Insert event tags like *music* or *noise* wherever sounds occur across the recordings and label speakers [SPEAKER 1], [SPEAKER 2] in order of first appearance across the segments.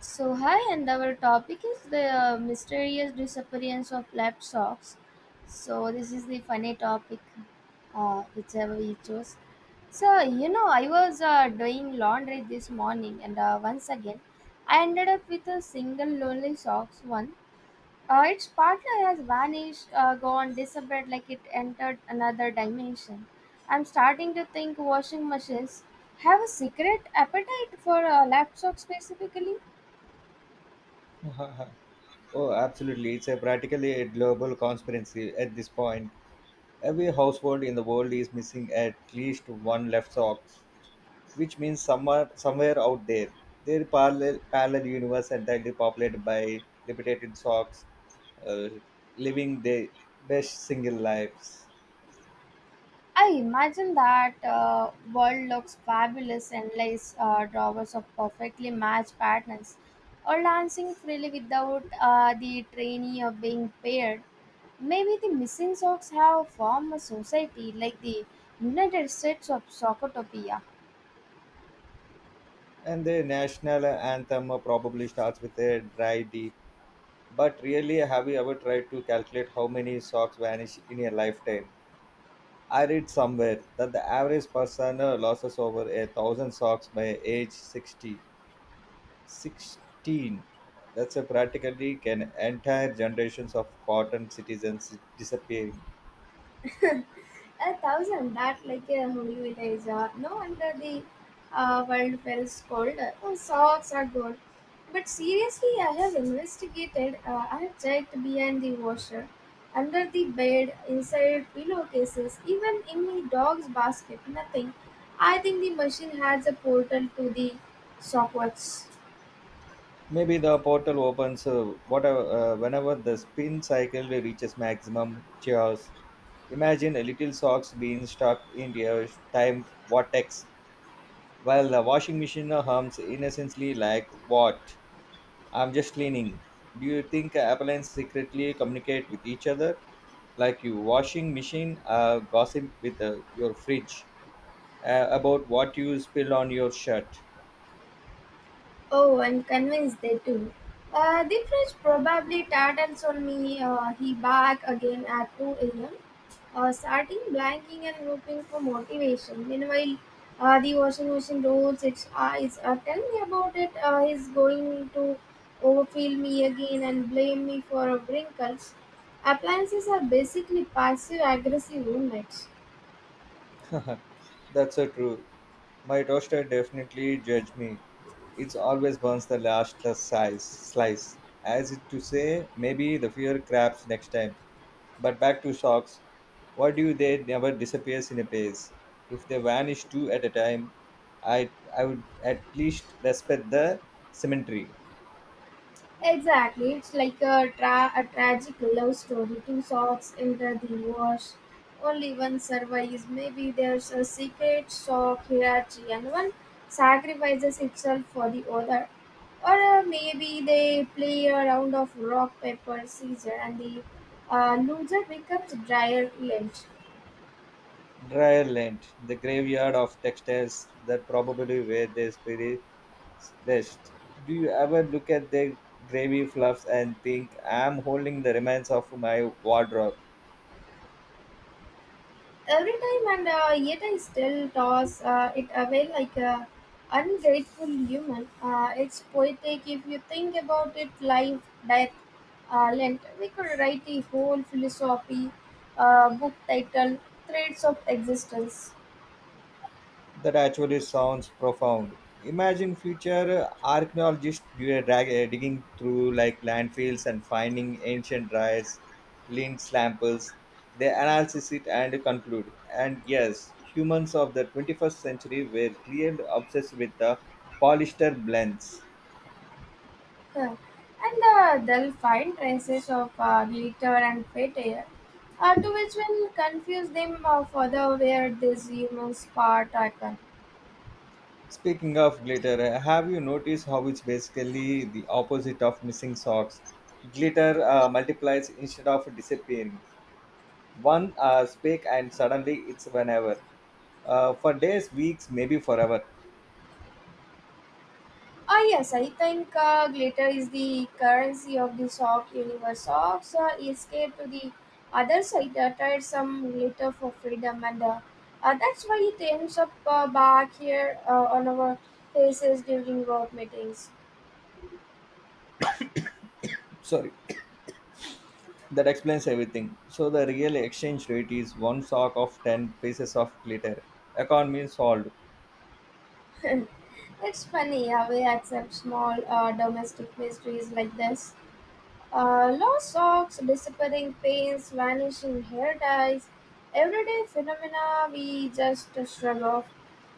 [SPEAKER 1] So hi, and our topic is the mysterious disappearance of lab socks. So this is the funny topic, whichever you chose. So you know, I was doing laundry this morning, and once again, I ended up with a single lonely socks one. Its partner has vanished, gone, disappeared like it entered another dimension. I'm starting to think washing machines have a secret appetite for lab socks specifically.
[SPEAKER 2] *laughs* Oh, absolutely. It's a practically a global conspiracy at this point. Every household in the world is missing at least one left sock, which means somewhere, out there, there parallel universe entirely populated by liberated socks, uh, living their best single lives.
[SPEAKER 1] I imagine that world looks fabulous, endless drawers of perfectly matched patterns, or dancing freely without the trainee of being paired. Maybe the missing socks have formed a society like the United States of Socotopia.
[SPEAKER 2] And the national anthem probably starts with a dry D. But really, have you ever tried to calculate how many socks vanish in a lifetime? I read somewhere that the average person loses over a thousand socks by age 60. 16. That's a practically can entire generations of cotton citizens disappearing.
[SPEAKER 1] *laughs* A thousand, that like a holy village, or no wonder the world feels cold. Oh, socks are good. But seriously, I have investigated, I have checked behind the washer, under the bed, inside pillowcases, even in the dog's basket. Nothing. I think the machine has a portal to the shockwaves.
[SPEAKER 2] Maybe the portal opens whenever the spin cycle reaches maximum chaos. Imagine a little socks being stuck in your time vortex while the washing machine hums innocently like what? I'm just leaning. Do you think appliances secretly communicate with each other, like your washing machine gossip with your fridge about what you spilled on your shirt?
[SPEAKER 1] Oh, I'm convinced they do. The fridge probably tartans on me. He bark again at 2 a.m., starting blanking and looking for motivation. Meanwhile, the washing machine rolls its eyes. Tell me about it. He's going to overfill me again and blame me for wrinkles. Appliances are basically passive aggressive roommates.
[SPEAKER 2] That's so true. My toaster definitely judged me. It always burns the last size slice. As if to say, maybe the fear crabs next time. But back to sharks. Why do they never disappears in a pace? If they vanish two at a time, I would at least respect the symmetry.
[SPEAKER 1] Exactly, it's like a, a tragic love story. Two souls enter the wash. Only one survives. Maybe there's a secret sock hierarchy, and one sacrifices itself for the other. Or maybe they play a round of rock, paper, scissors, and the loser becomes dryer end.
[SPEAKER 2] Dryland, the graveyard of textiles that probably where their spirits rest. Do you ever look at their gravy fluffs and think, I'm holding the remains of my wardrobe?
[SPEAKER 1] Every time, and yet I still toss it away like a ungrateful human. It's poetic if you think about it. Life, death, lent, we could write a whole philosophy book titled Threads of Existence.
[SPEAKER 2] That actually sounds profound. Imagine future archaeologists do a drag, digging through like landfills and finding ancient drives, lint samples. They analyze it and conclude. And yes, humans of the 21st century were clearly obsessed with the polyester blends.
[SPEAKER 1] Huh. And they'll find traces of glitter and failure, to which will confuse them further. Where these humans part are?
[SPEAKER 2] Speaking of glitter, have you noticed how it's basically the opposite of missing socks? Glitter multiplies instead of disappearing. One speak and suddenly it's whenever. For days, weeks, maybe forever.
[SPEAKER 1] Oh yes, I think glitter is the currency of the soft universe. Socks escape to the other side, tried some glitter for freedom, and that's why it ends up back here on our faces during work meetings.
[SPEAKER 2] Sorry, *coughs* that explains everything. So the real exchange rate is one sock of 10 pieces of glitter. Economy solved.
[SPEAKER 1] It's funny how we accept small domestic mysteries like this. Lost socks, disappearing paints, vanishing hair ties, everyday phenomena we just shrug off.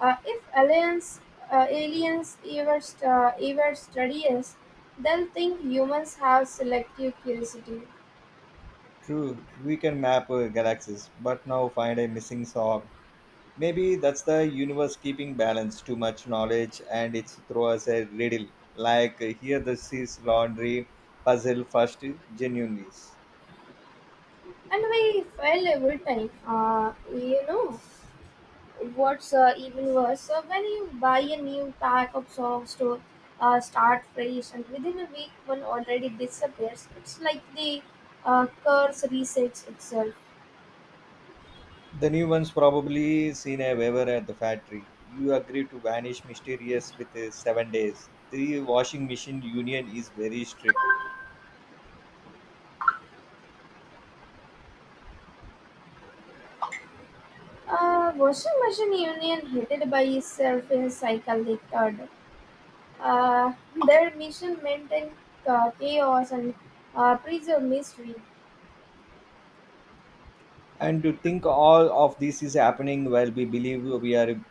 [SPEAKER 1] If aliens ever, ever study us, they'll think humans have selective curiosity.
[SPEAKER 2] True, we can map galaxies, but now find a missing sock. Maybe that's the universe keeping balance. Too much knowledge and it's throw us a riddle. Like here, the seas laundry puzzle first genuinely.
[SPEAKER 1] And we fail every time, you know. What's even worse, when you buy a new pack of socks to start fresh, and within a week one already disappears, it's like the curse resets itself.
[SPEAKER 2] The new one's probably seen a waiver at the factory. You agree to vanish mysterious with 7 days. The washing machine union is very strict.
[SPEAKER 1] Washing machine union hated by itself in cycle they third. Uh, their mission maintained chaos and preserve mystery.
[SPEAKER 2] And to think all of this is happening while we believe we are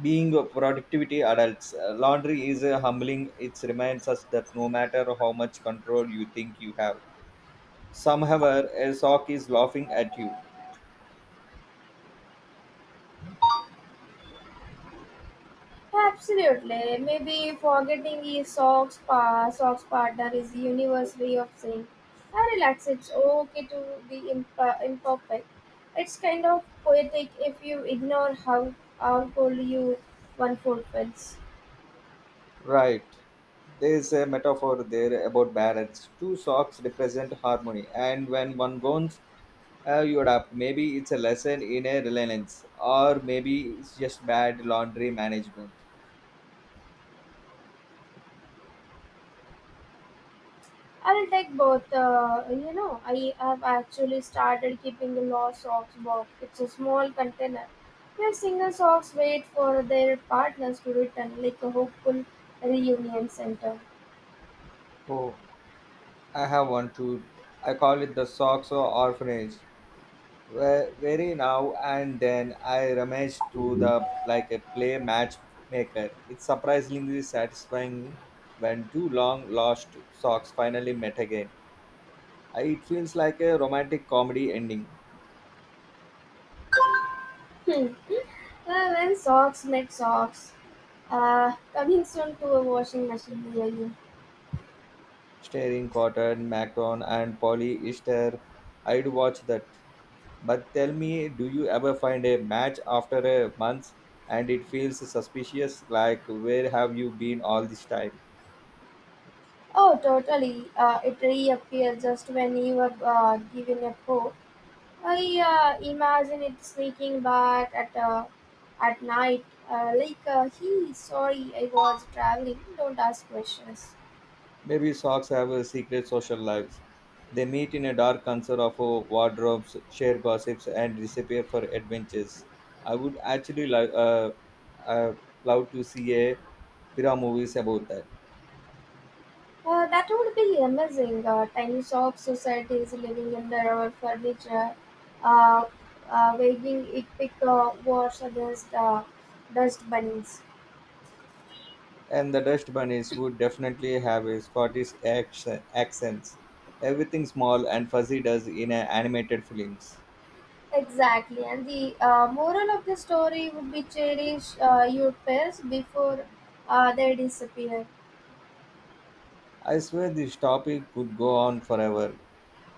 [SPEAKER 2] being productivity adults. Laundry is humbling. It reminds us that no matter how much control you think you have, somehow a sock is laughing at you.
[SPEAKER 1] Absolutely. Maybe forgetting his socks, socks partner is the universe way of saying, I relax, it's okay to be imperfect. It's kind of poetic if you ignore how cold you one fulfills.
[SPEAKER 2] Right. There is a metaphor there about balance. Two socks represent harmony, and when one goes, you adapt. Maybe it's a lesson in a reliance, or maybe it's just bad laundry management.
[SPEAKER 1] I'll take both. You know, I have actually started keeping a lost socks box. It's a small container where single socks wait for their partners to return, like a hopeful reunion center.
[SPEAKER 2] Oh, I have one too. I call it the socks or orphanage. Where very now and then I rummage through the like a play matchmaker. It's surprisingly satisfying when two long lost socks finally met again. It feels like a romantic comedy ending.
[SPEAKER 1] Hmm. Well, when socks make socks, coming soon to a washing machine near you.
[SPEAKER 2] Starring Cotton, Macron, and Polly Easter. I'd watch that. But tell me, do you ever find a match after a month and it feels suspicious? Like, where have you been all this time?
[SPEAKER 1] Oh, totally. It reappeared just when you were given a go. I imagine it sneaking back at night, like, "He, sorry, I was traveling. Don't ask questions."
[SPEAKER 2] Maybe socks have a secret social lives. They meet in a dark concert of wardrobes, share gossips, and disappear for adventures. I would actually uh, love to see a Pira movies about that.
[SPEAKER 1] That would be amazing. Tiny shop societies living in their own furniture, uh, waging epic wars against dust bunnies.
[SPEAKER 2] And the dust bunnies would definitely have a Scottish accents. Everything small and fuzzy does in a animated films.
[SPEAKER 1] Exactly, and the moral of the story would be cherish your pets before they disappear.
[SPEAKER 2] I swear this topic could go on forever.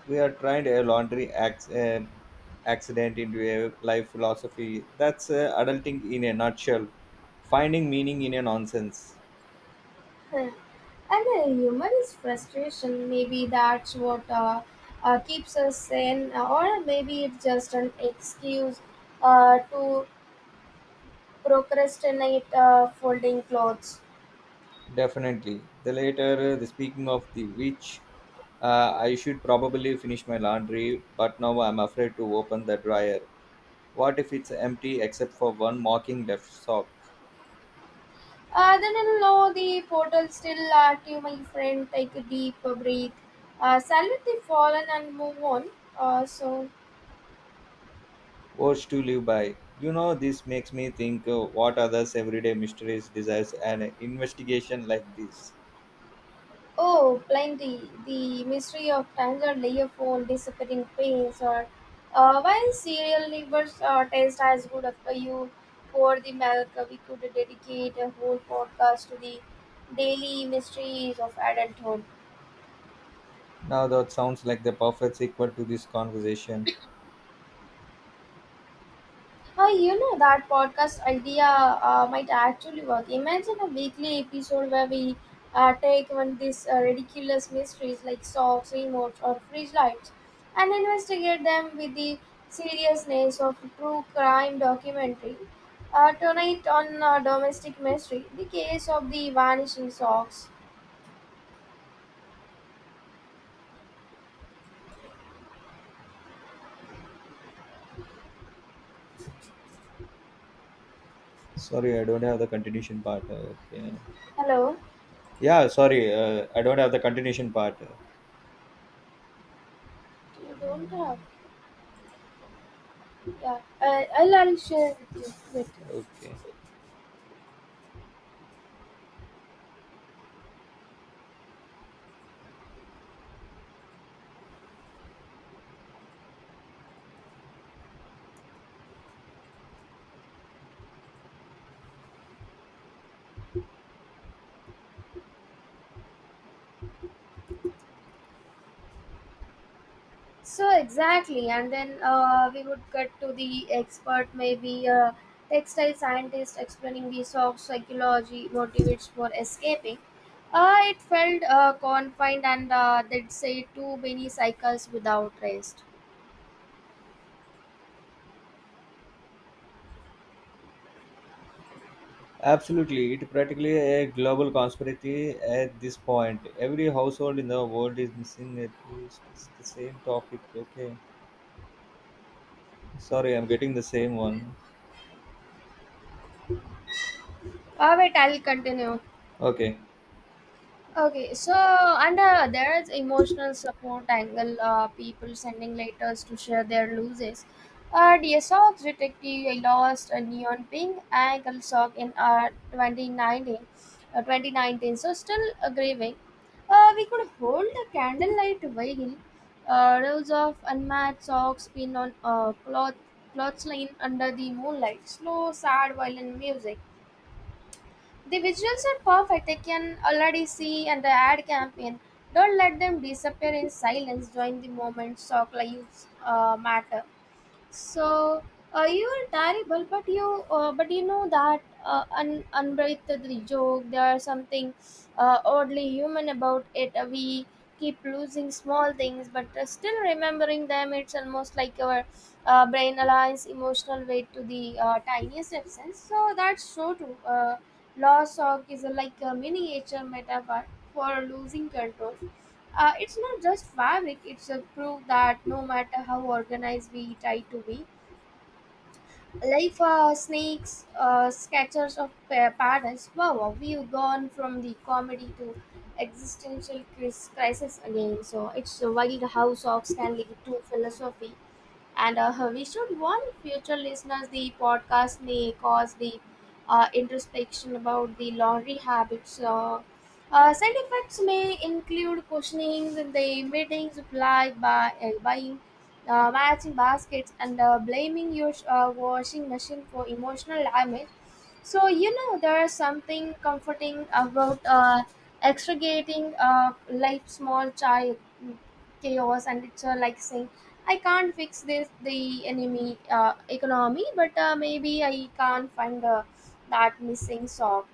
[SPEAKER 2] We are trying a laundry accident into a life philosophy. That's adulting in a nutshell. Finding meaning in a nonsense.
[SPEAKER 1] *laughs* And the humor is frustration. Maybe that's what keeps us sane, or maybe it's just an excuse to procrastinate folding clothes.
[SPEAKER 2] Definitely. The later, the speaking of the which, I should probably finish my laundry, but now I'm afraid to open the dryer. What if it's empty except for one mocking left sock?
[SPEAKER 1] Then I know the portal still active, my friend. Take a deep breath. Salute the fallen and move on. Uh, so,
[SPEAKER 2] Words to live by. You know, this makes me think what others' everyday mysteries desires an investigation like this.
[SPEAKER 1] oh, plenty. The mystery of tangled layer phone, disappearing pains, or why cereal livers taste as good after you pour the milk. We could dedicate a whole podcast to the daily mysteries of adulthood.
[SPEAKER 2] Now that sounds like the perfect sequel to this conversation.
[SPEAKER 1] Hi, you know that podcast idea might actually work. Imagine a weekly episode where we take one of these ridiculous mysteries like socks, remotes, or fridge lights, and investigate them with the seriousness of a true crime documentary. Tonight on Domestic Mystery, the case of the vanishing socks.
[SPEAKER 2] Sorry, I don't have the continuation part. Okay.
[SPEAKER 1] Hello?
[SPEAKER 2] Yeah, sorry, I don't have the continuation part.
[SPEAKER 1] You don't have? Yeah, I'll share with you. Yes.
[SPEAKER 2] Okay.
[SPEAKER 1] So exactly, and then we would get to the expert, maybe a textile scientist explaining the soft psychology motivates for escaping. It felt confined, and they'd say too many cycles without rest.
[SPEAKER 2] Absolutely, it practically a global conspiracy at this point. Every household in the world is missing at least it's the same topic. Okay. Sorry, I'm getting the same one.
[SPEAKER 1] Wait, I'll continue.
[SPEAKER 2] Okay.
[SPEAKER 1] Okay, so and there is emotional support angle. People sending letters to share their losses. Dear Sock Detective, I lost a neon pink ankle sock in 2019, so still grieving. We could hold a candlelight while rows of unmatched socks pinned on clothesline under the moonlight. Slow, sad, violin music. The visuals are perfect. I can already see and the ad campaign. Don't let them disappear in silence. Join the moment. Stock lives matter. So you are terrible, but you know that unbreathed joke. There is something oddly human about it. We keep losing small things, but still remembering them. It's almost like our brain aligns emotional weight to the tiniest absence. So that's so true. Loss of is like a miniature metaphor for losing control. It's not just fabric, it's a proof that no matter how organized we try to be, life snakes, sketchers of patterns. Wow, wow, we've gone from the comedy to existential crisis again. So it's a wild how socks can lead to philosophy, and we should warn future listeners the podcast may cause the introspection about the laundry habits. Side effects may include questioning the meetings supplied by buying matching baskets and blaming your washing machine for emotional damage. So you know there is something comforting about extricating like small child chaos, and it's like saying I can't fix this the enemy economy, but maybe I can't find that missing sock.